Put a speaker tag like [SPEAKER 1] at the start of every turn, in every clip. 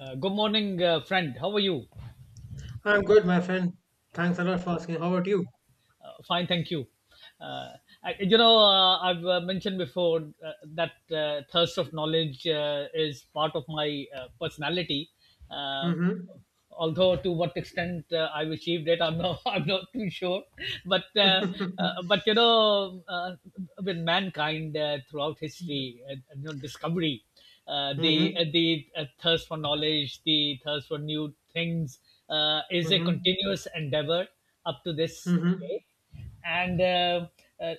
[SPEAKER 1] Good morning, friend. How are you?
[SPEAKER 2] I'm good, my friend. Thanks a lot for asking. How about you?
[SPEAKER 1] Fine, thank you. Uh, I've mentioned before that thirst of knowledge is part of my personality. Uh,
[SPEAKER 2] Mm-hmm.
[SPEAKER 1] Although to what extent I've achieved it, I'm not, I'm not too sure. But uh, but with mankind throughout history, discovery,
[SPEAKER 2] Mm-hmm.
[SPEAKER 1] the thirst for knowledge, the thirst for new things, is a
[SPEAKER 2] Mm-hmm.
[SPEAKER 1] continuous endeavor up to this
[SPEAKER 2] Mm-hmm.
[SPEAKER 1] day, and uh,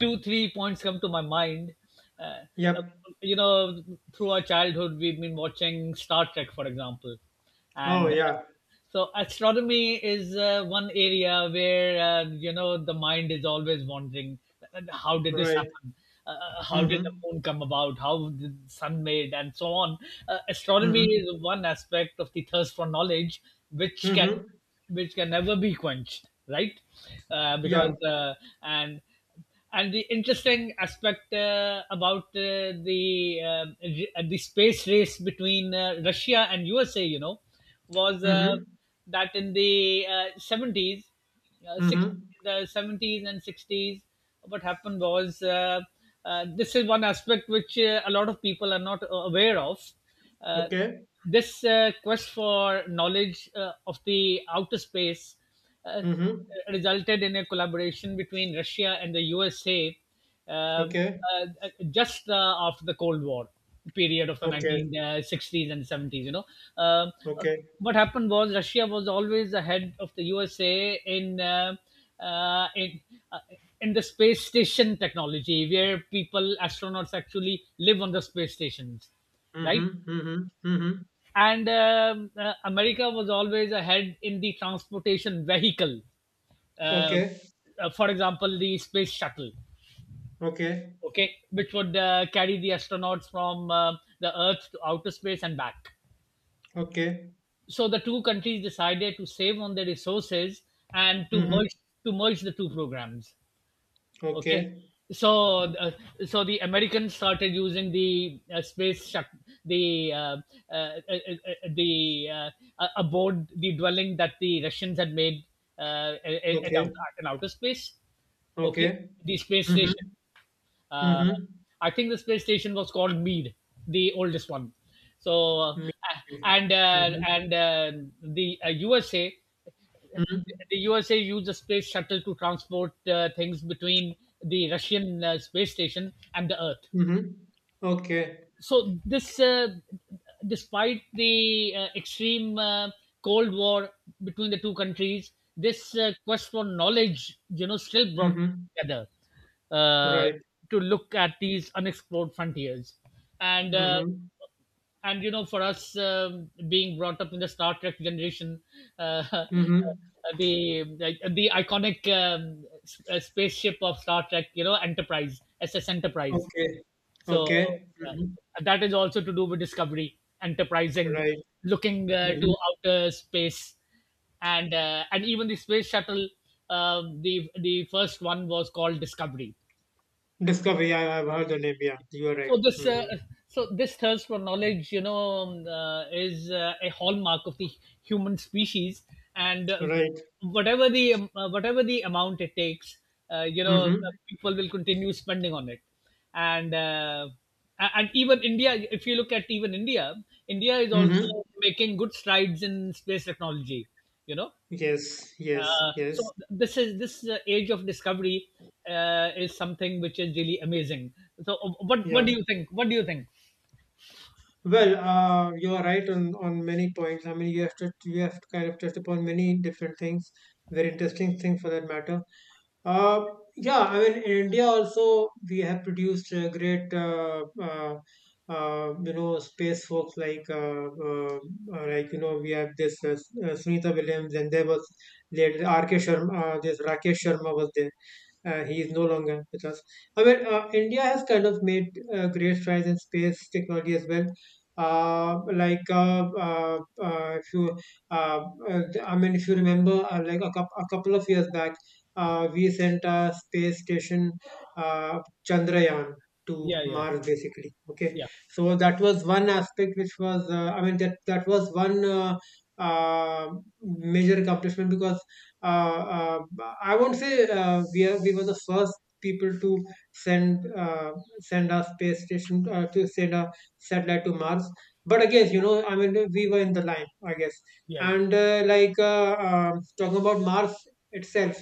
[SPEAKER 1] two three points come to my mind. uh, uh,
[SPEAKER 2] Yep.
[SPEAKER 1] you know through our childhood we've been watching Star Trek, for example,
[SPEAKER 2] Oh
[SPEAKER 1] and
[SPEAKER 2] yeah.
[SPEAKER 1] so astronomy is one area where you know the mind is always wondering, how did this
[SPEAKER 2] Right.
[SPEAKER 1] happen, how did the
[SPEAKER 2] Mm-hmm.
[SPEAKER 1] moon come about, how did the sun made, and so on. Astronomy
[SPEAKER 2] Mm-hmm.
[SPEAKER 1] is one aspect of the thirst for knowledge which can
[SPEAKER 2] Mm-hmm.
[SPEAKER 1] which can never be quenched, right?
[SPEAKER 2] Yeah.
[SPEAKER 1] Because and and the interesting aspect about the the space race between Russia and USA, you know, was
[SPEAKER 2] Mm-hmm.
[SPEAKER 1] that in the 70s, uh, six,
[SPEAKER 2] Mm-hmm.
[SPEAKER 1] the 70s and 60s. What happened was, this is one aspect which a lot of people are not aware of. uh,
[SPEAKER 2] Okay.
[SPEAKER 1] this quest for knowledge of the outer space uh,
[SPEAKER 2] Mm-hmm.
[SPEAKER 1] resulted in a collaboration between Russia and the USA, um,
[SPEAKER 2] Okay.
[SPEAKER 1] just after the Cold War period of the
[SPEAKER 2] Okay.
[SPEAKER 1] 1960s and 70s. You know, Um, uh,
[SPEAKER 2] Okay.
[SPEAKER 1] what happened was Russia was always ahead of the USA in uh, in uh, in the space station technology, where people astronauts actually live on the space stations, right?
[SPEAKER 2] Mm-hmm. Mm-hmm. Mm-hmm.
[SPEAKER 1] And America was always ahead in the transportation vehicle. Uh,
[SPEAKER 2] Okay.
[SPEAKER 1] for example, the space shuttle,
[SPEAKER 2] Okay.
[SPEAKER 1] okay, which would carry the astronauts from the Earth to outer space and back.
[SPEAKER 2] Okay.
[SPEAKER 1] So the two countries decided to save on their resources and to
[SPEAKER 2] Mm-hmm.
[SPEAKER 1] merge, to merge the two programs, okay.
[SPEAKER 2] Okay.
[SPEAKER 1] So so the Americans started using the space shut the uh, the aboard the dwelling that the Russians had made at,
[SPEAKER 2] Okay.
[SPEAKER 1] at an outer space, okay.
[SPEAKER 2] Okay.
[SPEAKER 1] The space
[SPEAKER 2] Mm-hmm.
[SPEAKER 1] station. uh,
[SPEAKER 2] Mm-hmm.
[SPEAKER 1] I think the space station was called Mead, the oldest one. So
[SPEAKER 2] Mm-hmm.
[SPEAKER 1] and the USA,
[SPEAKER 2] Mm-hmm.
[SPEAKER 1] the USA used the space shuttle to transport things between the Russian space station and the Earth.
[SPEAKER 2] Mm-hmm. Okay.
[SPEAKER 1] So this despite the extreme Cold War between the two countries, this quest for knowledge, you know, still brought
[SPEAKER 2] Mm-hmm.
[SPEAKER 1] together, uh,
[SPEAKER 2] Right.
[SPEAKER 1] to look at these unexplored frontiers. And
[SPEAKER 2] Mm-hmm.
[SPEAKER 1] and you know, for us, being brought up in the Star Trek generation, uh,
[SPEAKER 2] Mm-hmm.
[SPEAKER 1] the iconic spaceship of Star Trek, you know, Enterprise, SS Enterprise.
[SPEAKER 2] Okay.
[SPEAKER 1] So
[SPEAKER 2] Okay.
[SPEAKER 1] uh,
[SPEAKER 2] Mm-hmm.
[SPEAKER 1] that is also to do with discovery, enterprising,
[SPEAKER 2] Right.
[SPEAKER 1] looking
[SPEAKER 2] Mm-hmm.
[SPEAKER 1] to outer space, and even the space shuttle. The the first one was called Discovery.
[SPEAKER 2] Discovery. I've heard the name. Yeah, you are right.
[SPEAKER 1] So this uh,
[SPEAKER 2] Mm-hmm.
[SPEAKER 1] so this thirst for knowledge, you know, is a hallmark of the human species. And
[SPEAKER 2] Right.
[SPEAKER 1] whatever the amount it takes,
[SPEAKER 2] Mm-hmm.
[SPEAKER 1] people will continue spending on it. And and even India, if you look at even India, India is also
[SPEAKER 2] Mm-hmm.
[SPEAKER 1] making good strides in space technology, you know.
[SPEAKER 2] Yes. Yes.
[SPEAKER 1] So
[SPEAKER 2] Yes.
[SPEAKER 1] this is this age of discovery is something which is really amazing. So what
[SPEAKER 2] Yeah.
[SPEAKER 1] do you think? What do you think?
[SPEAKER 2] Well, you are right on many points. I mean, you have kind of touched upon many different things, very interesting things for that matter. Uh, yeah, I mean, in India also we have produced great, you know, space folks uh, like you know, we have this Sunita Williams, and there was later R.K. Sharma. This Rakesh Sharma was there. He is no longer with us. However, India has kind of made great strides in space technology as well. Like if you, uh, uh, I mean, if you remember, like a couple of years back, we sent a space station, uh, Chandrayaan, to
[SPEAKER 1] Yeah, yeah,
[SPEAKER 2] Mars, basically. Okay,
[SPEAKER 1] yeah,
[SPEAKER 2] so that was one aspect which was, I mean, that was one. Uh, Major accomplishment because uh, uh, I won't say we were the first people to send uh, send a satellite to Mars. But again, you know, I mean, we were in the line, I guess.
[SPEAKER 1] yeah, yeah,
[SPEAKER 2] And talking about Mars itself,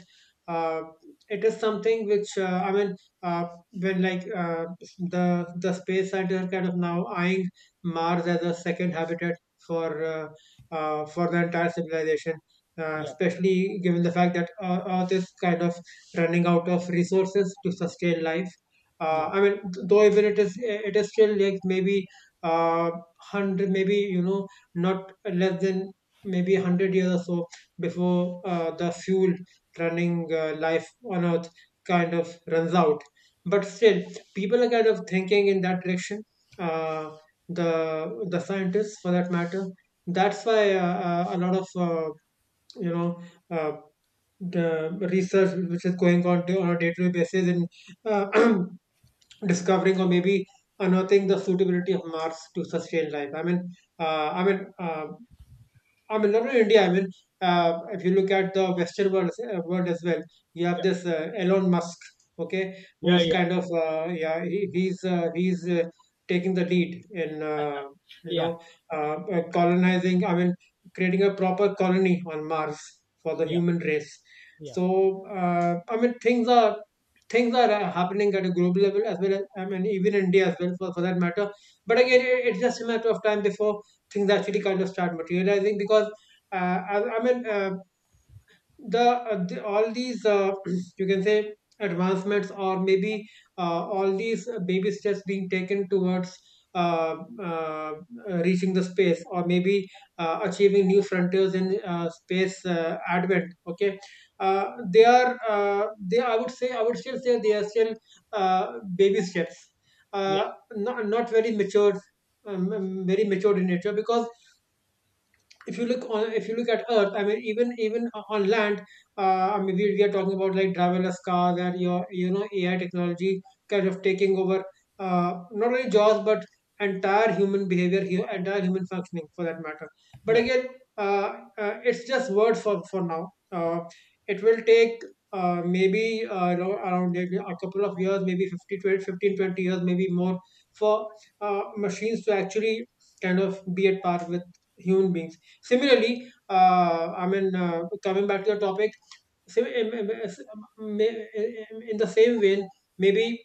[SPEAKER 2] uh, it is something which I mean, uh, when like the space scientists are kind of now eyeing Mars as a second habitat for uh, for the entire civilization, especially given the fact that Earth is kind of running out of resources to sustain life.
[SPEAKER 1] yeah,
[SPEAKER 2] I mean, though even it is still like maybe uh, 100, maybe you know, not less than maybe 100 years or so before the fuel running life on Earth kind of runs out. But still, people are kind of thinking in that direction. Uh, the scientists, for that matter, that's why a lot of you know uh, the research which is going on on a day-to-day basis in uh, discovering or maybe unearthing the suitability of Mars to sustain life. Uh, I mean, uh, I mean, not only India. I mean, if you look at the Western world as well, you have this Elon Musk, okay,
[SPEAKER 1] yeah, yeah,
[SPEAKER 2] who's kind
[SPEAKER 1] yeah,
[SPEAKER 2] of yeah, he's taking the lead in you
[SPEAKER 1] yeah, yeah,
[SPEAKER 2] know colonizing. I mean, creating a proper colony on Mars for the human race.
[SPEAKER 1] yeah,
[SPEAKER 2] So I mean, things are happening at a global level as well as I mean, even India as well for that matter. But again, it's just a matter of time before things actually kind of start materializing because I mean the all these you can say advancements or maybe all these baby steps being taken towards uh, uh, reaching the space or maybe achieving new frontiers in space advent, okay, they are they I would say I would still say they are still baby steps,
[SPEAKER 1] yeah,
[SPEAKER 2] not, not very matured, very matured in nature because if you look at earth, I mean even on land, I mean we are talking about like driverless cars and you know AI technology kind of taking over, uh, not only jobs but entire human behavior, entire human functioning for that matter. But
[SPEAKER 1] yeah, yeah,
[SPEAKER 2] again uh, it's just words for now. uh, it will take maybe around a couple of years, maybe 50 20, 15, 20 years, maybe more for uh, machines to actually kind of be at par with human beings. Similarly, I mean, coming back to the topic, sim- em- em- s- may- in the same vein, maybe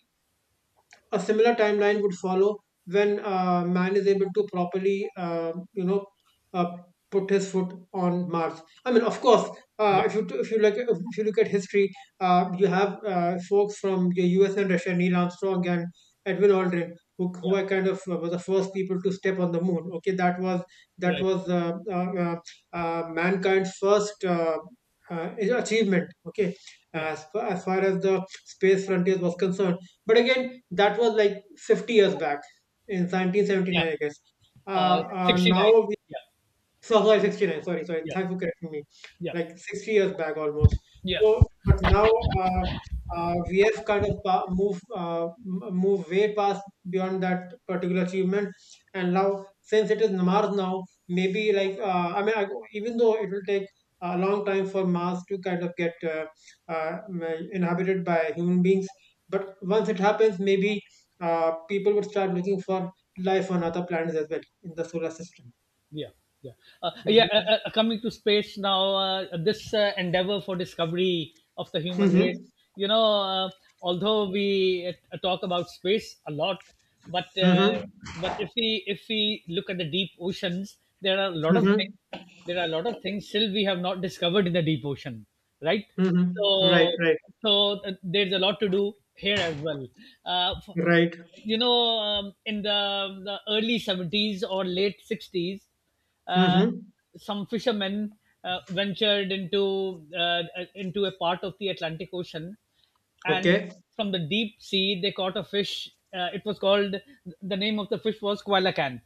[SPEAKER 2] a similar timeline would follow when man is able to properly, you know, uh, put his foot on Mars. I mean, of course,
[SPEAKER 1] yeah,
[SPEAKER 2] if you look at history, you have folks from the U.S. and Russia, Neil Armstrong and Edwin Aldrin,
[SPEAKER 1] yeah.
[SPEAKER 2] who are kind of were the first people to step on the moon. Okay, that
[SPEAKER 1] Right.
[SPEAKER 2] was mankind's first. Achievement, okay,
[SPEAKER 1] Yeah.
[SPEAKER 2] as far as the space frontiers was concerned, but again, that was like 50 years back in
[SPEAKER 1] Yeah.
[SPEAKER 2] 1979, I guess.
[SPEAKER 1] 69.
[SPEAKER 2] Now
[SPEAKER 1] Yeah.
[SPEAKER 2] so, sorry, 69. Sorry, sorry.
[SPEAKER 1] Yeah.
[SPEAKER 2] Thanks for correcting me.
[SPEAKER 1] Yeah.
[SPEAKER 2] Like 60 years back almost.
[SPEAKER 1] Yeah.
[SPEAKER 2] So, but now uh, we have kind of move way past beyond that particular achievement. And now, since it is Mars now, maybe I mean, even though it will take a long time for Mars to kind of get well, inhabited by human beings, but once it happens, maybe people would start looking for life on other planets as well in the solar system.
[SPEAKER 1] Yeah, yeah, yeah. Coming to space now, this endeavor for discovery of the human race.
[SPEAKER 2] Mhm.
[SPEAKER 1] You know, although we talk about space a lot, but uh,
[SPEAKER 2] Mhm.
[SPEAKER 1] but if we look at the deep oceans, there are a lot of things,
[SPEAKER 2] Mhm.
[SPEAKER 1] there are a lot of things still we have not discovered in the deep ocean, right?
[SPEAKER 2] Mhm. Right,
[SPEAKER 1] So
[SPEAKER 2] right,
[SPEAKER 1] there's a lot to do here as well. uh, f-
[SPEAKER 2] right.
[SPEAKER 1] you know um, in the early 70s or late 60s, uh,
[SPEAKER 2] Mhm.
[SPEAKER 1] some fishermen ventured into into a part of the Atlantic Ocean, and
[SPEAKER 2] Okay.
[SPEAKER 1] from the deep sea they caught a fish. It was called, the name of the fish was coelacanth,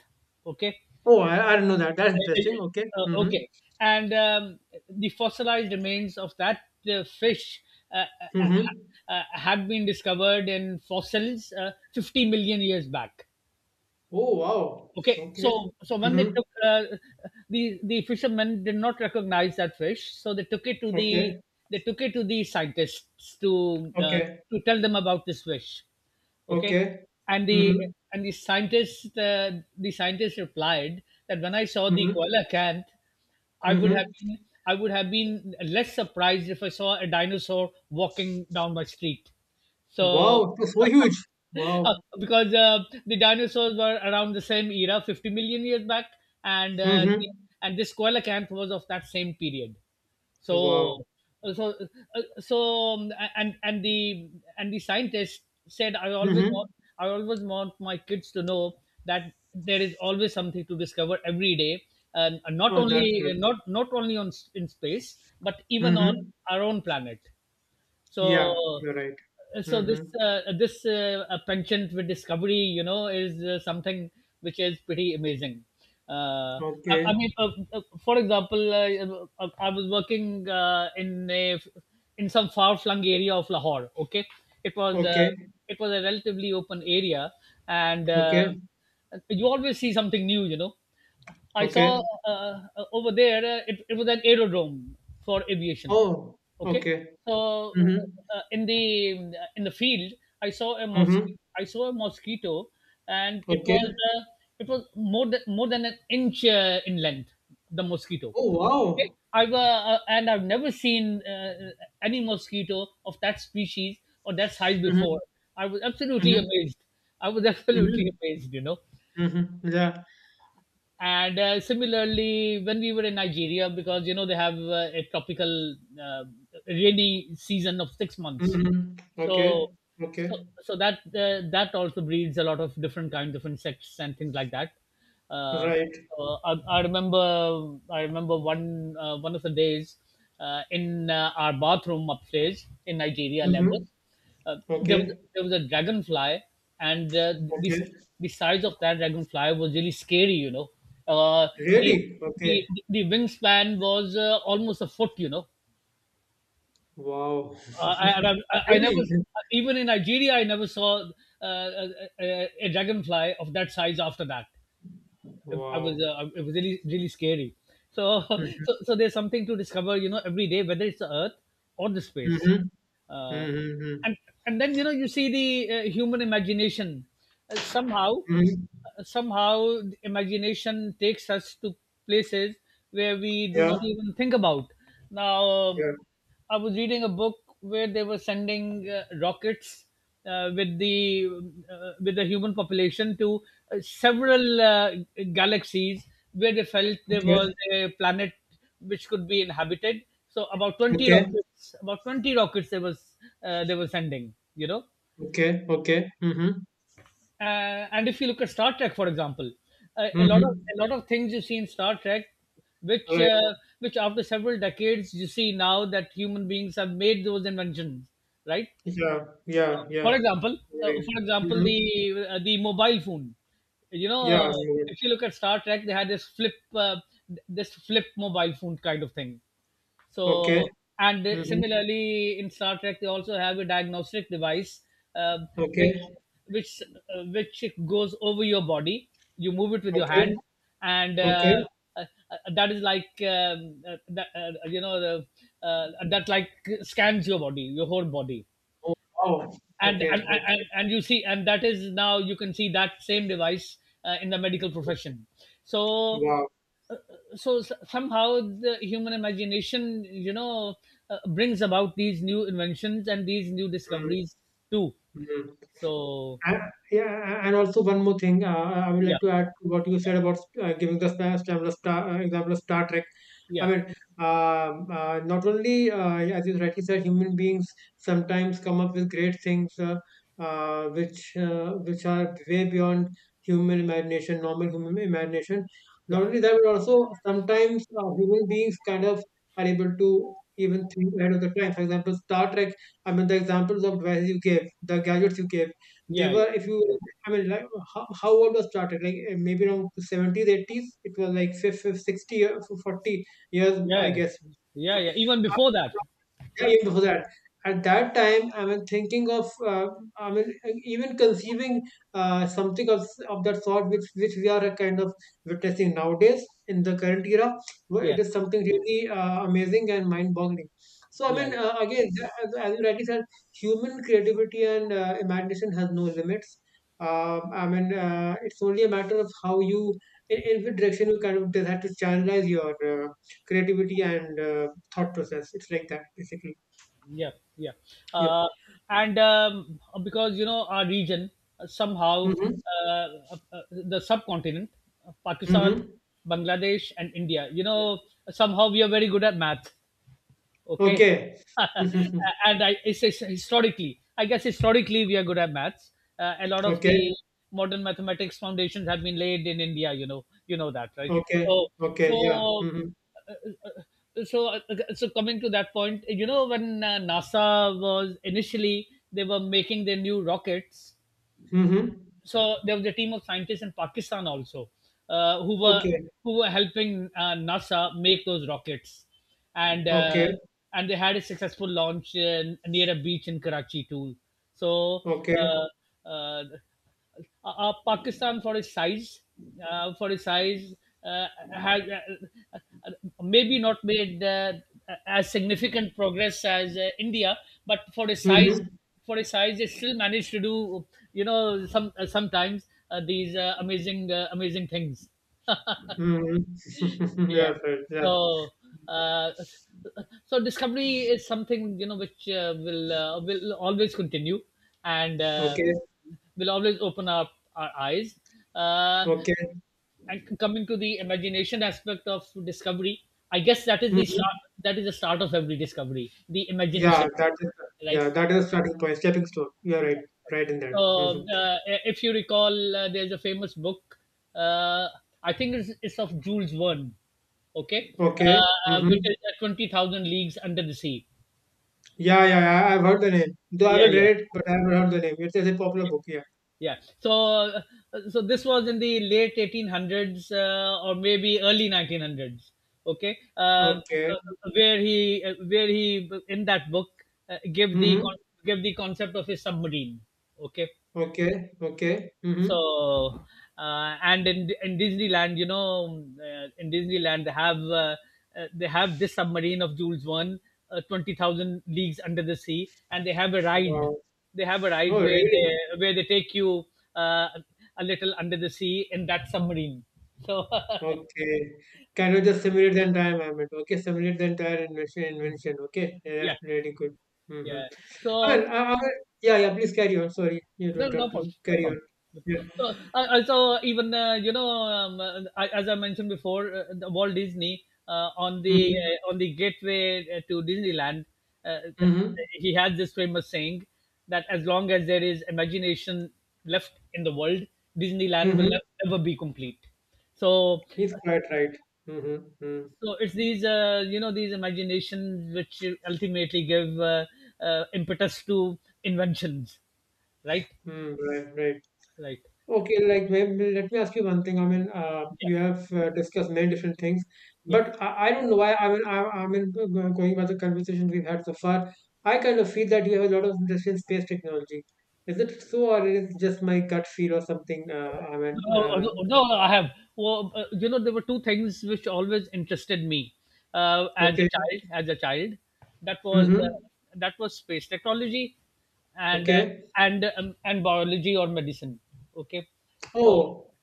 [SPEAKER 1] okay.
[SPEAKER 2] Oh, I didn't know that. That's interesting. Okay.
[SPEAKER 1] uh,
[SPEAKER 2] Mm-hmm.
[SPEAKER 1] okay. And the fossilized remains of that fish
[SPEAKER 2] Mm-hmm.
[SPEAKER 1] had been discovered in fossils 50 million years back.
[SPEAKER 2] Oh, wow.
[SPEAKER 1] Okay,
[SPEAKER 2] Okay.
[SPEAKER 1] so when they
[SPEAKER 2] Mm-hmm.
[SPEAKER 1] took, the fishermen did not recognize that fish, so they took it to the,
[SPEAKER 2] Okay.
[SPEAKER 1] they took it to the scientists
[SPEAKER 2] Okay.
[SPEAKER 1] to tell them about this fish. Okay,
[SPEAKER 2] Okay.
[SPEAKER 1] and the,
[SPEAKER 2] Mm-hmm.
[SPEAKER 1] and the scientist, the scientist replied that, when I saw the
[SPEAKER 2] Mm-hmm.
[SPEAKER 1] koala can't, I would have
[SPEAKER 2] Mm-hmm.
[SPEAKER 1] been, I would have been less surprised if I saw a dinosaur walking down my street. So
[SPEAKER 2] Wow. That's so huge. Wow.
[SPEAKER 1] because the dinosaurs were around the same era, 50 million years back, and
[SPEAKER 2] Mm-hmm.
[SPEAKER 1] and this coelacanth was of that same period. So,
[SPEAKER 2] Wow.
[SPEAKER 1] uh, so, uh, so, and the, and the scientists said,
[SPEAKER 2] Mm-hmm.
[SPEAKER 1] I always want my kids to know that there is always something to discover every day, and not
[SPEAKER 2] Oh, that's
[SPEAKER 1] only,
[SPEAKER 2] good.
[SPEAKER 1] in space, but even on
[SPEAKER 2] Mm-hmm.
[SPEAKER 1] our own planet.
[SPEAKER 2] Yeah,
[SPEAKER 1] So,
[SPEAKER 2] you're right.
[SPEAKER 1] so this
[SPEAKER 2] Mm-hmm.
[SPEAKER 1] penchant with discovery, you know, is something which is pretty amazing. Uh,
[SPEAKER 2] Okay.
[SPEAKER 1] for example, I was working in some far flung area of Lahore. Okay, it was uh,
[SPEAKER 2] Okay.
[SPEAKER 1] it was a relatively open area, and
[SPEAKER 2] Okay.
[SPEAKER 1] you always see something new, you know. I saw
[SPEAKER 2] Okay.
[SPEAKER 1] uh, over there, it was an aerodrome for aviation.
[SPEAKER 2] Oh,
[SPEAKER 1] Okay,
[SPEAKER 2] okay.
[SPEAKER 1] so
[SPEAKER 2] Mhm.
[SPEAKER 1] uh, in the in the field, I saw a mosquito.
[SPEAKER 2] Mhm.
[SPEAKER 1] I saw a mosquito, and
[SPEAKER 2] Okay.
[SPEAKER 1] it was more than an inch in length. The mosquito.
[SPEAKER 2] Oh,
[SPEAKER 1] Okay?
[SPEAKER 2] wow.
[SPEAKER 1] I've never seen any mosquito of that species or that size
[SPEAKER 2] Mhm.
[SPEAKER 1] before. I was absolutely
[SPEAKER 2] Mhm.
[SPEAKER 1] amazed. I was absolutely
[SPEAKER 2] Mhm.
[SPEAKER 1] amazed. You know.
[SPEAKER 2] Mhm. Yeah.
[SPEAKER 1] And similarly, when we were in Nigeria, because you know they have a tropical uh, rainy season of 6 months.
[SPEAKER 2] Mhm. Okay.
[SPEAKER 1] So
[SPEAKER 2] Okay.
[SPEAKER 1] so that that also breeds a lot of different kinds of insects and things like that. uh,
[SPEAKER 2] Right.
[SPEAKER 1] I remember, I remember one one of the days in our bathroom upstairs in Nigeria, Lagos,
[SPEAKER 2] Mhm.
[SPEAKER 1] there was,
[SPEAKER 2] Okay.
[SPEAKER 1] there was a dragonfly, and
[SPEAKER 2] Okay.
[SPEAKER 1] the size of that dragonfly was really scary, you know. uh, the
[SPEAKER 2] Really?
[SPEAKER 1] the
[SPEAKER 2] Okay.
[SPEAKER 1] the wingspan was almost a foot, you know.
[SPEAKER 2] Wow.
[SPEAKER 1] And I never,
[SPEAKER 2] Really?
[SPEAKER 1] even in Nigeria, I never saw a dragonfly of that size after that. I was,
[SPEAKER 2] Wow.
[SPEAKER 1] it was really, really scary. So,
[SPEAKER 2] Mhm.
[SPEAKER 1] so, so there's something to discover, you know, every day, whether it's the Earth or the space.
[SPEAKER 2] Mhm.
[SPEAKER 1] Uh,
[SPEAKER 2] Mhm. Mhm.
[SPEAKER 1] and and then, you know, you see the human imagination. Uh, somehow,
[SPEAKER 2] Mhm.
[SPEAKER 1] Somehow, the imagination takes us to places where we do
[SPEAKER 2] Yeah.
[SPEAKER 1] not even think about. Now,
[SPEAKER 2] Yeah.
[SPEAKER 1] I was reading a book where they were sending rockets uh, with the with the human population to several galaxies where they felt there was
[SPEAKER 2] Okay.
[SPEAKER 1] a planet which could be inhabited. So about 20
[SPEAKER 2] Okay.
[SPEAKER 1] rockets, about 20 rockets they were sending. You know,
[SPEAKER 2] Okay. Okay. Mhm.
[SPEAKER 1] and if you look at Star Trek, for example,
[SPEAKER 2] Mhm.
[SPEAKER 1] a lot of things you see in Star Trek, which
[SPEAKER 2] Right.
[SPEAKER 1] uh, which after several decades you see now that human beings have made those inventions, right?
[SPEAKER 2] Yeah. Yeah. Yeah.
[SPEAKER 1] For example,
[SPEAKER 2] Right. Mhm.
[SPEAKER 1] the mobile phone. You know,
[SPEAKER 2] Yeah. Yeah.
[SPEAKER 1] if you look at Star Trek, they had this flip this flip mobile phone kind of thing.
[SPEAKER 2] Okay.
[SPEAKER 1] So, and
[SPEAKER 2] Mhm.
[SPEAKER 1] similarly, in Star Trek, they also have a diagnostic device uh, which
[SPEAKER 2] Okay.
[SPEAKER 1] which which goes over your body. You move it with your
[SPEAKER 2] Okay.
[SPEAKER 1] hand, and
[SPEAKER 2] Okay.
[SPEAKER 1] that is like that like scans your body, your whole body,
[SPEAKER 2] Oh, wow. Okay.
[SPEAKER 1] and
[SPEAKER 2] Okay.
[SPEAKER 1] and you see, and that is, now you can see that same device in the medical profession. so
[SPEAKER 2] Wow.
[SPEAKER 1] so s- somehow the human imagination, brings about these new inventions and these new
[SPEAKER 2] Mm.
[SPEAKER 1] discoveries too.
[SPEAKER 2] Hmm.
[SPEAKER 1] so
[SPEAKER 2] And, yeah, and also one more thing, I would
[SPEAKER 1] yeah,
[SPEAKER 2] like to add to what you
[SPEAKER 1] yeah,
[SPEAKER 2] said about giving the example of Star Trek. I
[SPEAKER 1] yeah,
[SPEAKER 2] mean, not only, as you rightly said, human beings sometimes come up with great things which are way beyond human imagination, normal human imagination.
[SPEAKER 1] yeah,
[SPEAKER 2] Not only that, but also sometimes human beings kind of are able to even think ahead of the time. For example, Star Trek, I mean, the examples of devices you gave, the gadgets you gave, they
[SPEAKER 1] yeah, yeah,
[SPEAKER 2] were, if you, I mean, like how old was started? Like eh, maybe around seventies, eighties. It was like 50, 60, year, 40 years, I
[SPEAKER 1] yeah,
[SPEAKER 2] guess.
[SPEAKER 1] yeah, yeah, even before that.
[SPEAKER 2] Yeah, even before that. At that time, I mean, thinking of, I mean, even conceiving something of that sort, which we are kind of witnessing nowadays in the current era, where it
[SPEAKER 1] Yeah,
[SPEAKER 2] is something really amazing and mind-boggling. So, I
[SPEAKER 1] yeah,
[SPEAKER 2] mean, again, as you rightly said, human creativity and imagination has no limits. I mean, it's only a matter of how you, in which direction you kind of decide to channelize your creativity and thought process. It's like that basically.
[SPEAKER 1] yeah, yeah.
[SPEAKER 2] Yep.
[SPEAKER 1] uh, and Because you know our region, somehow,
[SPEAKER 2] Mm-hmm.
[SPEAKER 1] the subcontinent, Pakistan,
[SPEAKER 2] Mm-hmm.
[SPEAKER 1] Bangladesh, and India, you know, somehow we are very good at math. Okay.
[SPEAKER 2] Okay. Mm-hmm.
[SPEAKER 1] and I it's historically, I guess historically, we are good at maths. A lot of
[SPEAKER 2] Okay.
[SPEAKER 1] the modern mathematics foundations have been laid in India. You know, you know that, right? so
[SPEAKER 2] Okay. Okay.
[SPEAKER 1] so
[SPEAKER 2] Yeah. Mm-hmm.
[SPEAKER 1] uh, uh, so uh, so coming to that point, you know, when NASA was initially, they were making their new rockets.
[SPEAKER 2] Mm-hmm.
[SPEAKER 1] So there was a team of scientists in Pakistan also, uh, who were
[SPEAKER 2] Okay.
[SPEAKER 1] who were helping NASA make those rockets, and uh,
[SPEAKER 2] Okay.
[SPEAKER 1] and they had a successful launch in, near a beach in Karachi too. So,
[SPEAKER 2] Okay.
[SPEAKER 1] uh, uh, Pakistan, for its size, uh, has uh, maybe not made as significant progress as India, but for its size,
[SPEAKER 2] Mm-hmm.
[SPEAKER 1] for a size, they still manage to do, you know, some, sometimes, these, amazing things.
[SPEAKER 2] Mm-hmm. yeah,
[SPEAKER 1] Yeah.
[SPEAKER 2] right. Yeah.
[SPEAKER 1] So uh, so discovery is something, you know, which will always continue, and
[SPEAKER 2] Okay.
[SPEAKER 1] will always open up our eyes, uh,
[SPEAKER 2] Okay.
[SPEAKER 1] and coming to the imagination aspect of discovery, I guess that is the
[SPEAKER 2] Mm-hmm.
[SPEAKER 1] start. That is the start of every discovery, the
[SPEAKER 2] Yeah.
[SPEAKER 1] imagination,
[SPEAKER 2] That is.
[SPEAKER 1] right?
[SPEAKER 2] Yeah. That is starting point. Stepping stone. You're right. Right in that. Mm-hmm.
[SPEAKER 1] So, if you recall, there's a famous book. Uh, I think it's of Jules Verne. Okay,
[SPEAKER 2] Okay.
[SPEAKER 1] which
[SPEAKER 2] Mm-hmm.
[SPEAKER 1] is Twenty Thousand Leagues Under the Sea.
[SPEAKER 2] Yeah. Yeah. Yeah. I've heard the name. Though I
[SPEAKER 1] Yeah,
[SPEAKER 2] haven't
[SPEAKER 1] yeah,
[SPEAKER 2] read it, but I've heard the name. It's a popular
[SPEAKER 1] okay,
[SPEAKER 2] book. Yeah.
[SPEAKER 1] yeah. So, this was in the late 1800s, or maybe early 1900s. Okay.
[SPEAKER 2] Okay.
[SPEAKER 1] Uh, where he, in that book,
[SPEAKER 2] Mm-hmm.
[SPEAKER 1] give the concept of his submarine. Okay,
[SPEAKER 2] Okay, okay. Mm-hmm.
[SPEAKER 1] so and in Disneyland, you know, in Disneyland they have, they have this submarine of Jules Verne, twenty thousand leagues under the sea, and they have a ride.
[SPEAKER 2] Wow.
[SPEAKER 1] They have a ride
[SPEAKER 2] Oh,
[SPEAKER 1] where
[SPEAKER 2] really?
[SPEAKER 1] they take you, uh, a little under the sea in that submarine. So
[SPEAKER 2] Okay. Can you just simulate the entire environment? Okay, simulate the entire invention. Invention. Okay, yeah,
[SPEAKER 1] yeah,
[SPEAKER 2] that's really good. Mm-hmm.
[SPEAKER 1] yeah.
[SPEAKER 2] Well,
[SPEAKER 1] So.
[SPEAKER 2] yeah, yeah. Please carry on. Sorry, you
[SPEAKER 1] No,
[SPEAKER 2] don't
[SPEAKER 1] no
[SPEAKER 2] have to
[SPEAKER 1] problem. No
[SPEAKER 2] carry
[SPEAKER 1] problem.
[SPEAKER 2] on.
[SPEAKER 1] No
[SPEAKER 2] Yeah.
[SPEAKER 1] problem. So, so even you know, I, as I mentioned before, the Walt Disney,
[SPEAKER 2] Mm-hmm.
[SPEAKER 1] on the gateway, to Disneyland, uh,
[SPEAKER 2] Mm-hmm.
[SPEAKER 1] he has this famous saying, that as long as there is imagination left in the world, Disneyland will
[SPEAKER 2] Mm-hmm.
[SPEAKER 1] never be complete. So,
[SPEAKER 2] He's quite right. Mm-hmm. Mm-hmm.
[SPEAKER 1] so it's these, these imaginations which ultimately give, impetus to inventions, right?
[SPEAKER 2] Mm, right. Right.
[SPEAKER 1] Right.
[SPEAKER 2] Okay, like maybe let me ask you one thing. I mean, you
[SPEAKER 1] Yeah.
[SPEAKER 2] have discussed many different things,
[SPEAKER 1] Yeah.
[SPEAKER 2] but I don't know why. I mean, I mean, going by the conversation we've had so far, I kind of feel that you have a lot of interest in space technology. Is it so, or is it just my gut feel or something?
[SPEAKER 1] No, no, no, no, I have. Well, you know, there were two things which always interested me, as
[SPEAKER 2] Okay,
[SPEAKER 1] a child. As a child, that was, uh,
[SPEAKER 2] mm-hmm,
[SPEAKER 1] that was space technology, and uh,
[SPEAKER 2] okay.
[SPEAKER 1] and biology or medicine. Okay, so
[SPEAKER 2] Oh,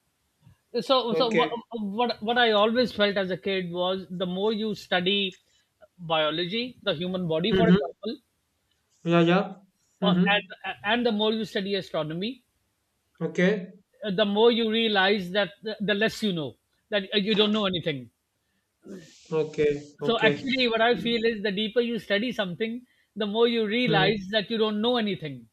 [SPEAKER 1] so what,
[SPEAKER 2] okay,
[SPEAKER 1] what what I always felt as a kid was, the more you study biology, the human body, for
[SPEAKER 2] mm-hmm,
[SPEAKER 1] example,
[SPEAKER 2] yeah, yeah,
[SPEAKER 1] or,
[SPEAKER 2] mm-hmm,
[SPEAKER 1] and the more you study astronomy,
[SPEAKER 2] okay,
[SPEAKER 1] the more you realize that the less you know, that you don't know anything.
[SPEAKER 2] okay,
[SPEAKER 1] So
[SPEAKER 2] okay,
[SPEAKER 1] actually, what I feel is, the deeper you study something, the more you
[SPEAKER 2] mm,
[SPEAKER 1] realize that you don't know anything.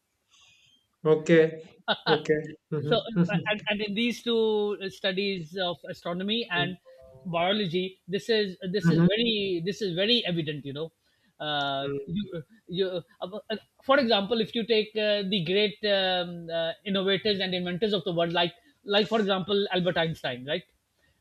[SPEAKER 2] okay, okay,
[SPEAKER 1] So, uh,
[SPEAKER 2] mm-hmm,
[SPEAKER 1] uh, and, and in these two, studies of astronomy and biology,
[SPEAKER 2] mm-hmm.
[SPEAKER 1] this is very evident, you know. uh,
[SPEAKER 2] Mm.
[SPEAKER 1] you, you, uh, uh, for example, if you take, the great, innovators and inventors of the world, like for example, Albert Einstein, right?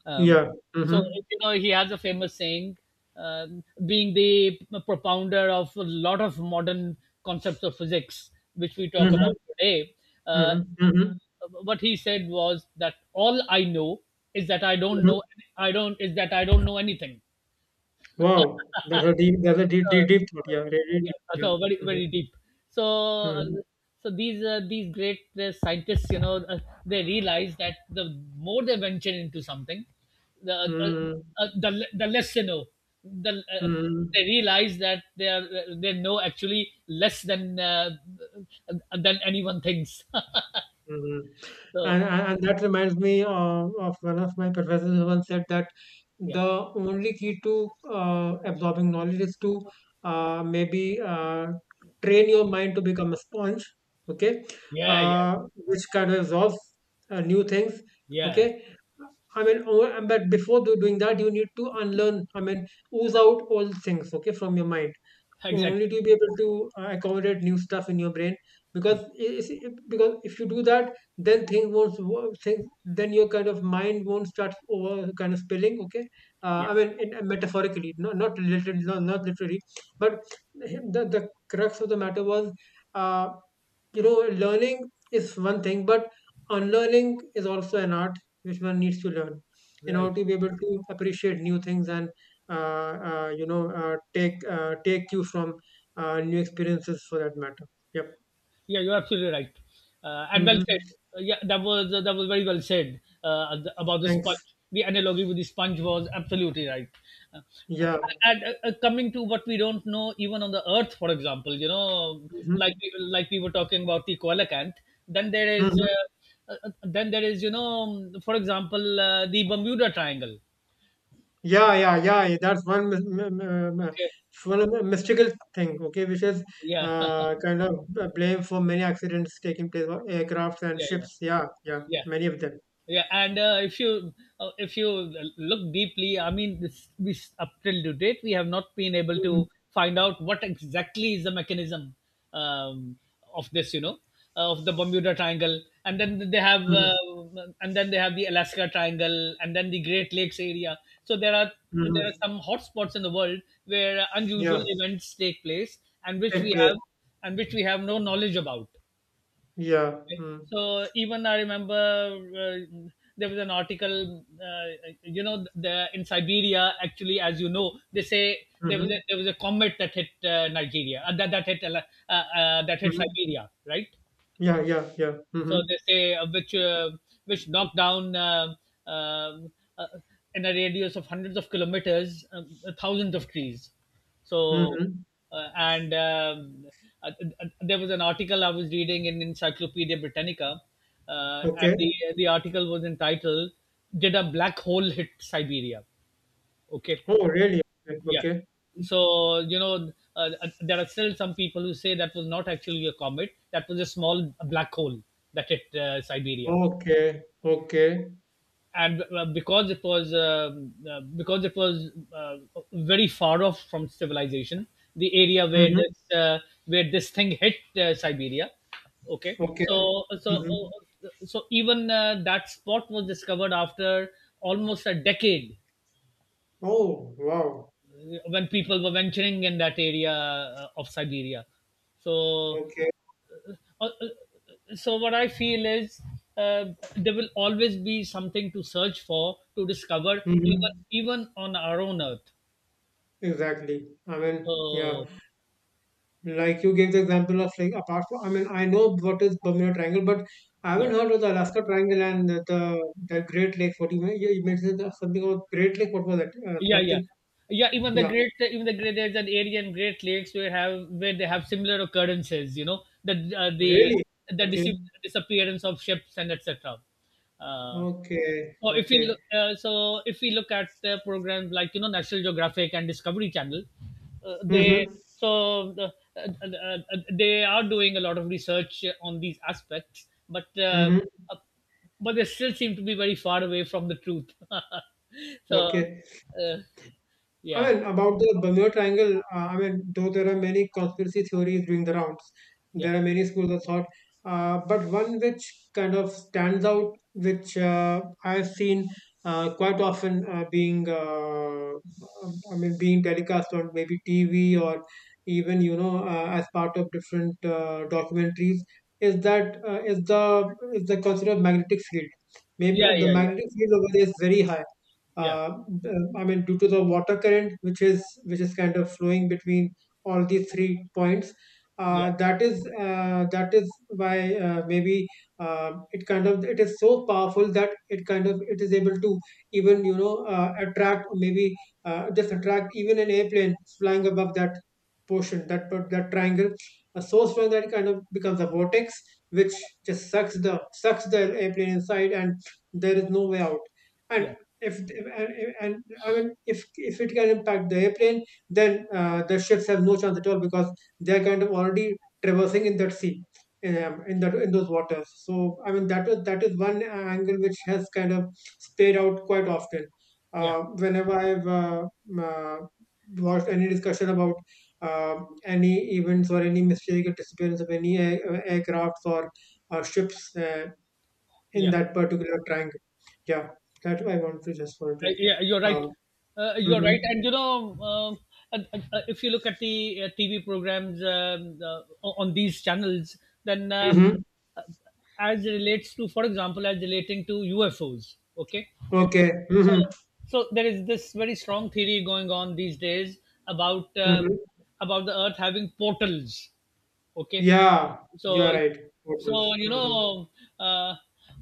[SPEAKER 1] Um,
[SPEAKER 2] Yeah.
[SPEAKER 1] so
[SPEAKER 2] Mhm.
[SPEAKER 1] you know he has a famous saying, being the propounder of a lot of modern concepts of physics, which we talk
[SPEAKER 2] Mhm.
[SPEAKER 1] about today. Uh,
[SPEAKER 2] Mhm. Mhm.
[SPEAKER 1] what he said was that all I know is that I don't
[SPEAKER 2] Mhm.
[SPEAKER 1] know, I don't know anything.
[SPEAKER 2] Wow. That's a deep, deep,
[SPEAKER 1] So,
[SPEAKER 2] deep thought. Yeah. Really
[SPEAKER 1] yeah,
[SPEAKER 2] deep. Yeah.
[SPEAKER 1] so very,
[SPEAKER 2] Mhm.
[SPEAKER 1] very deep. So uh,
[SPEAKER 2] Mhm.
[SPEAKER 1] so these, these great, scientists, you know, they realize that the more they venture into something, the uh,
[SPEAKER 2] Mhm.
[SPEAKER 1] the less they know. The uh,
[SPEAKER 2] Mhm.
[SPEAKER 1] they realize that they know actually less than, than anyone thinks.
[SPEAKER 2] Mhm.
[SPEAKER 1] So,
[SPEAKER 2] And that reminds me of one of my professors who once said that
[SPEAKER 1] yeah,
[SPEAKER 2] the only key to absorbing knowledge is to maybe train your mind to become a sponge, okay,
[SPEAKER 1] yeah, yeah,
[SPEAKER 2] which kind of absorbs new things,
[SPEAKER 1] yeah.
[SPEAKER 2] okay, I mean, but before doing that, you need to unlearn, I mean, ooze out all things, okay, from your mind only
[SPEAKER 1] Exactly.
[SPEAKER 2] to be able to accommodate new stuff in your brain because
[SPEAKER 1] Exactly.
[SPEAKER 2] because if you do that, then things won't wo- things then your kind of mind won't start over kind of spilling, okay.
[SPEAKER 1] Yeah.
[SPEAKER 2] I mean, metaphorically, not not literally, not literally. But the crux of the matter was, uh, you know learning is one thing, but unlearning is also an art which one needs to learn in
[SPEAKER 1] Right.
[SPEAKER 2] order to be able to appreciate new things and uh, take, take you from new experiences, for that matter. Yep.
[SPEAKER 1] Yeah, you're absolutely right. And well said.
[SPEAKER 2] Mm-hmm.
[SPEAKER 1] Yeah, that was, that was very well said, about the sponge.
[SPEAKER 2] Thanks.
[SPEAKER 1] The analogy with the sponge was absolutely right. Uh,
[SPEAKER 2] Yeah.
[SPEAKER 1] and Coming to what we don't know, even on the Earth, for example, you know,
[SPEAKER 2] Mm-hmm.
[SPEAKER 1] like we were talking about the coelacanth. Then there is,
[SPEAKER 2] Mm-hmm.
[SPEAKER 1] you know, for example, the Bermuda Triangle.
[SPEAKER 2] Yeah, yeah, yeah, yeah, that's one mis- m- m- m-
[SPEAKER 1] Okay.
[SPEAKER 2] one of the mystical thing, okay, which is
[SPEAKER 1] Yeah.
[SPEAKER 2] kind of blame for many accidents taking place of aircrafts and
[SPEAKER 1] Yeah, yeah,
[SPEAKER 2] ships. Yeah, yeah,
[SPEAKER 1] yeah.
[SPEAKER 2] many of them.
[SPEAKER 1] Yeah, and if you look deeply, I mean, this, we up till to date, we have not been able
[SPEAKER 2] Hmm.
[SPEAKER 1] to find out what exactly is the mechanism, um, of this, you know, of the Bermuda Triangle, and then they have
[SPEAKER 2] Hmm.
[SPEAKER 1] uh, and then they have the Alaska Triangle, and then the Great Lakes area. So there are
[SPEAKER 2] Hmm.
[SPEAKER 1] some hotspots in the world where unusual
[SPEAKER 2] Yeah,
[SPEAKER 1] events take place, and which
[SPEAKER 2] take
[SPEAKER 1] we
[SPEAKER 2] place.
[SPEAKER 1] have and which we have no knowledge about.
[SPEAKER 2] Yeah.
[SPEAKER 1] Okay.
[SPEAKER 2] Mm-hmm.
[SPEAKER 1] So even I remember, there was an article, you know, in Siberia. Actually, as you know, they say
[SPEAKER 2] Mm-hmm.
[SPEAKER 1] there was a comet that hit, Nigeria, that hit, that hit
[SPEAKER 2] Mm-hmm.
[SPEAKER 1] Siberia, right?
[SPEAKER 2] Yeah, yeah, yeah.
[SPEAKER 1] So
[SPEAKER 2] Mm-hmm.
[SPEAKER 1] they say, which, which knock down, um uh, in a radius of hundreds of kilometers, thousands of trees. So
[SPEAKER 2] Mm-hmm.
[SPEAKER 1] and uh, there was an article I was reading in Encyclopedia Britannica, and the
[SPEAKER 2] Okay.
[SPEAKER 1] the article was entitled, "Did a Black Hole Hit Siberia?" Okay.
[SPEAKER 2] Oh, really? Okay.
[SPEAKER 1] Yeah.
[SPEAKER 2] Okay.
[SPEAKER 1] So, you know, there are still some people who say that was not actually a comet, that was a small black hole that hit, Siberia.
[SPEAKER 2] Okay. Okay.
[SPEAKER 1] And because it was, very far off from civilization, the area where
[SPEAKER 2] Mm-hmm.
[SPEAKER 1] this thing hit, Siberia. Okay.
[SPEAKER 2] Okay.
[SPEAKER 1] So so
[SPEAKER 2] Mm-hmm.
[SPEAKER 1] uh, so even, that spot was discovered after almost a decade,
[SPEAKER 2] Oh, wow.
[SPEAKER 1] when people were venturing in that area, of Siberia. So,
[SPEAKER 2] Okay.
[SPEAKER 1] what I feel is, uh, there will always be something to search for, to discover,
[SPEAKER 2] Mm-hmm.
[SPEAKER 1] even on our own Earth.
[SPEAKER 2] Exactly. I mean, yeah.
[SPEAKER 1] So,
[SPEAKER 2] Like you gave the example of, like, apart from, I mean, I know what is Bermuda Triangle, but I
[SPEAKER 1] yeah,
[SPEAKER 2] haven't heard of the Alaska Triangle and the Great Lake. What you mean? You mentioned something about Great Lake. What was that?
[SPEAKER 1] yeah, yeah.
[SPEAKER 2] Something.
[SPEAKER 1] Yeah,
[SPEAKER 2] Yeah.
[SPEAKER 1] even the great, there's an area in Great Lakes where they have similar occurrences. You know, the uh, the
[SPEAKER 2] Really?
[SPEAKER 1] the
[SPEAKER 2] Okay.
[SPEAKER 1] dis- disappearance of ships and etc. Uh,
[SPEAKER 2] Okay.
[SPEAKER 1] So if we
[SPEAKER 2] Okay.
[SPEAKER 1] look, uh, so if we look at the programs, like, you know, National Geographic and Discovery Channel, uh, they
[SPEAKER 2] Mm-hmm.
[SPEAKER 1] so uh, uh, they are doing a lot of research on these aspects, but,
[SPEAKER 2] Mm-hmm.
[SPEAKER 1] uh, but they still seem to be very far away from the truth. so
[SPEAKER 2] Okay.
[SPEAKER 1] uh,
[SPEAKER 2] I
[SPEAKER 1] yeah,
[SPEAKER 2] mean, about the Bermuda Triangle, I mean, though there are many conspiracy theories doing the rounds,
[SPEAKER 1] yeah,
[SPEAKER 2] there are many schools of thought, but one which kind of stands out, which I've seen quite often, being telecast on maybe TV or, even, you know, as part of different documentaries, is that is the concept of magnetic field. Maybe
[SPEAKER 1] yeah,
[SPEAKER 2] the
[SPEAKER 1] yeah, yeah,
[SPEAKER 2] magnetic field over there is very high,
[SPEAKER 1] yeah,
[SPEAKER 2] uh, I mean, due to the water current, which is kind of flowing between all these three points.
[SPEAKER 1] yeah,
[SPEAKER 2] That is why, maybe, it kind of it is so powerful that it kind of it is able to even attract, or maybe just attract, even an airplane flying above that triangle so strong that it kind of becomes a vortex which just sucks the airplane inside and there is no way out.
[SPEAKER 1] yeah,
[SPEAKER 2] And if and, and I mean, if it can impact the airplane, then the ships have no chance at all, because they're kind of already traversing in that sea, in that in those waters. So I mean, that is one angle which has kind of played out quite often.
[SPEAKER 1] yeah,
[SPEAKER 2] Whenever I've uh, watched any discussion about uh, any events or any mistake or disappearance of any aircrafts or ships, in
[SPEAKER 1] yeah.
[SPEAKER 2] that particular triangle. Yeah, that I want to just want to.
[SPEAKER 1] Yeah, you're right.
[SPEAKER 2] Um.
[SPEAKER 1] You're
[SPEAKER 2] Hmm.
[SPEAKER 1] right, and you know, um, uh, if you look at the, TV programs, on these channels, then,
[SPEAKER 2] Hmm.
[SPEAKER 1] uh, as relates to, for example, as relating to UFOs. Okay.
[SPEAKER 2] Okay.
[SPEAKER 1] so,
[SPEAKER 2] Hmm.
[SPEAKER 1] so there is this very strong theory going on these days about, uh,
[SPEAKER 2] Hmm.
[SPEAKER 1] about the Earth having portals. Okay.
[SPEAKER 2] Yeah, you're
[SPEAKER 1] so
[SPEAKER 2] right.
[SPEAKER 1] so
[SPEAKER 2] Portals.
[SPEAKER 1] you
[SPEAKER 2] Hmm.
[SPEAKER 1] know, uh,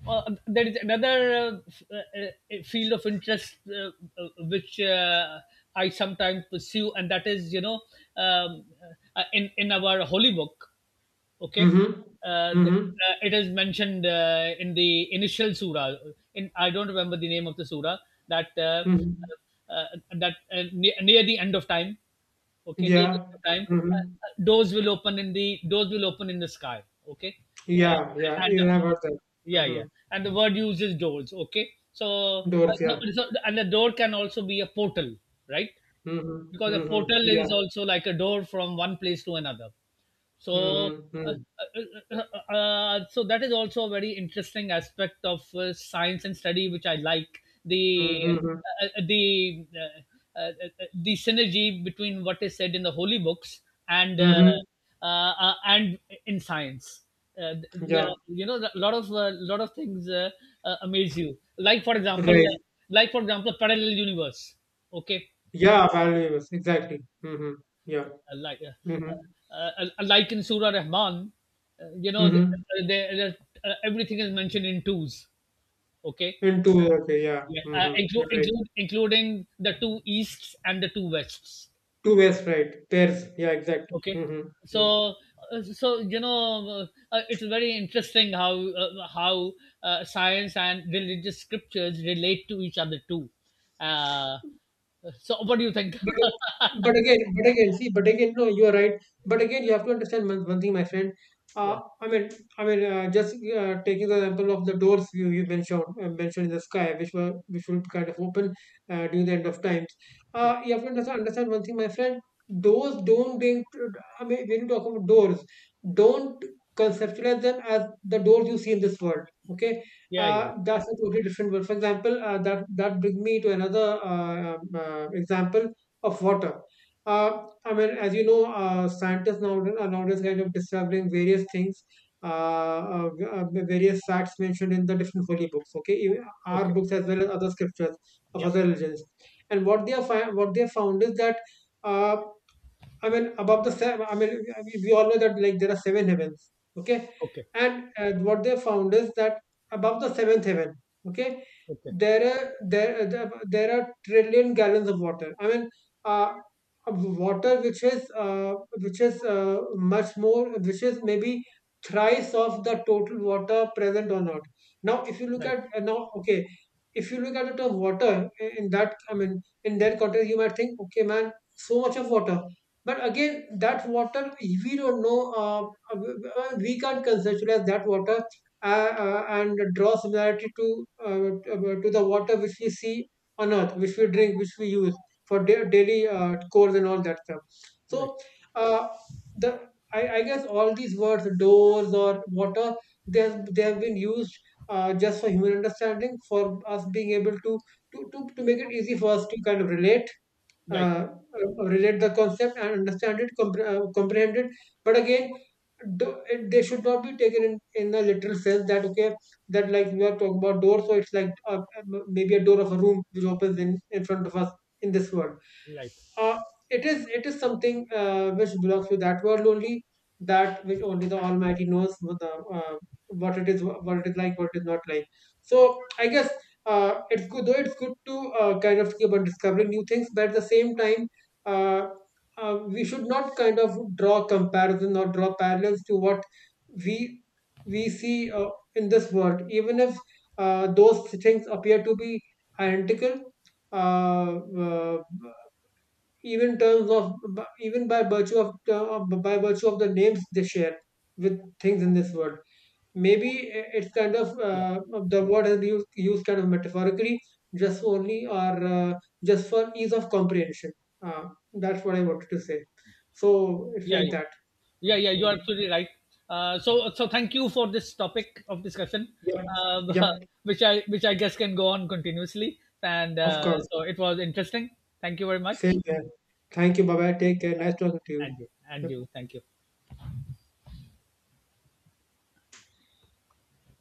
[SPEAKER 1] there is another, field of interest, which I sometimes pursue, and that is, you know, um, in our holy book. Okay.
[SPEAKER 2] Hmm. Hmm.
[SPEAKER 1] It is mentioned, in the initial surah, in, I don't remember the name of the surah, that,
[SPEAKER 2] Hmm.
[SPEAKER 1] uh, uh, near the end of time. Okay, near the
[SPEAKER 2] Yeah.
[SPEAKER 1] end of time,
[SPEAKER 2] Hmm.
[SPEAKER 1] doors will open in the sky. Okay.
[SPEAKER 2] Yeah.
[SPEAKER 1] uh,
[SPEAKER 2] Yeah.
[SPEAKER 1] and uh,
[SPEAKER 2] Even I heard that.
[SPEAKER 1] yeah, yeah,
[SPEAKER 2] Hmm.
[SPEAKER 1] and the word uses doors. Okay,
[SPEAKER 2] Doors. Yeah.
[SPEAKER 1] and the door can also be a portal, right?
[SPEAKER 2] Hmm.
[SPEAKER 1] Because a
[SPEAKER 2] Hmm.
[SPEAKER 1] portal is
[SPEAKER 2] Yeah.
[SPEAKER 1] also like a door from one place to another. So,
[SPEAKER 2] Hmm.
[SPEAKER 1] uh,
[SPEAKER 2] Hmm.
[SPEAKER 1] uh, that is also a very interesting aspect of, science and study, which I like.
[SPEAKER 2] Hmm.
[SPEAKER 1] The, the synergy between what is said in the holy books, and uh,
[SPEAKER 2] Hmm.
[SPEAKER 1] and in science. There
[SPEAKER 2] Yeah.
[SPEAKER 1] are, you know, a lot of, lot of things, amaze you. Like for example,
[SPEAKER 2] Right.
[SPEAKER 1] parallel universe. Okay,
[SPEAKER 2] Yeah. Valuables. Exactly. Hmm. Yeah. Hmm.
[SPEAKER 1] like in Surah Rahman, you know,
[SPEAKER 2] Hmm.
[SPEAKER 1] there, everything is mentioned in twos. Okay,
[SPEAKER 2] And two-way, okay, yeah.
[SPEAKER 1] yeah,
[SPEAKER 2] Mm-hmm. You're right.
[SPEAKER 1] including the two easts and the two wests.
[SPEAKER 2] Two ways, right. Pairs, yeah, exact.
[SPEAKER 1] Okay,
[SPEAKER 2] Mm-hmm. Mm-hmm.
[SPEAKER 1] so so you know, it's very interesting how, science and religious scriptures relate to each other too. Uh, so, what do you think?
[SPEAKER 2] But, but again, see, but again, no, you are right. But again, you have to understand one thing, my friend.
[SPEAKER 1] Yeah,
[SPEAKER 2] I mean, just taking the example of the doors you mentioned, mentioned in the sky, which were which will kind of open during the end of times.
[SPEAKER 1] yeah,
[SPEAKER 2] You have to understand, understand one thing, my friend. Doors don't bring. I mean, when you talk about doors, don't conceptualize them as the doors you see in this world. Okay,
[SPEAKER 1] yeah, yeah.
[SPEAKER 2] that's a totally different world. For example, that brings me to another example of water. I mean, as you know, scientists nowadays kind of discovering various things, uh, various facts mentioned in the different holy books. Okay, even our
[SPEAKER 1] Okay,
[SPEAKER 2] books as well as other scriptures of
[SPEAKER 1] yeah,
[SPEAKER 2] other religions, and what they have found is that. Uh, I mean, I mean, we all know that, like, there are seven heavens, okay?
[SPEAKER 1] okay,
[SPEAKER 2] And what they found is that above the seventh heaven, okay,
[SPEAKER 1] okay,
[SPEAKER 2] there are there there there are trillion gallons of water. I mean, uh, water which is, which is uh, much more, which is maybe thrice of the total water present on Earth.
[SPEAKER 1] right.
[SPEAKER 2] Now, okay, if you look at the term water in I mean, in that context, you might think, okay, man, so much of water. But again, that water we don't know. We can't conceptualize that water uh, and draw similarity to, to the water which we see on Earth, which we drink, which we use for daily chores and all that stuff.
[SPEAKER 1] Right,
[SPEAKER 2] So, uh, I guess all these words, doors or water, they have been used just for human understanding, for us being able to make it easy for us to kind of relate,
[SPEAKER 1] right,
[SPEAKER 2] uh, relate the concept and understand it, comprehend it. But again, they should not be taken in a literal sense, that okay, that like we are talking about door, so it's like, maybe a door of a room which opens in front of us in this world.
[SPEAKER 1] right.
[SPEAKER 2] uh, it is, it is something which belongs to that world only, that which only the almighty knows what the, uh, what it is, what it is like, what it is not like. So I guess, it's good, though it's good to kind of keep on discovering new things, but at the same time, uh, we should not kind of draw comparison or draw parallels to what we we see in this world, even if those things appear to be identical, uh, uh, even terms of even by virtue of, by virtue of the names they share with things in this world. Maybe it's kind of,
[SPEAKER 1] Yeah,
[SPEAKER 2] the word has been used, used kind of metaphorically, just only or just for ease of comprehension. uh, that's what I wanted to say. So it's
[SPEAKER 1] yeah,
[SPEAKER 2] like
[SPEAKER 1] yeah,
[SPEAKER 2] that.
[SPEAKER 1] yeah, yeah, you're
[SPEAKER 2] Mhm.
[SPEAKER 1] absolutely right. So, so thank you for this topic of discussion.
[SPEAKER 2] Yep.
[SPEAKER 1] um,
[SPEAKER 2] Yep.
[SPEAKER 1] which, I guess, can go on continuously. And
[SPEAKER 2] Of
[SPEAKER 1] uh,
[SPEAKER 2] course.
[SPEAKER 1] so it was interesting. Thank you very
[SPEAKER 2] Same
[SPEAKER 1] much,
[SPEAKER 2] there. Thank you. Bye bye. Take care. Nice talking to you.
[SPEAKER 1] and you,
[SPEAKER 2] Yep.
[SPEAKER 1] thank you.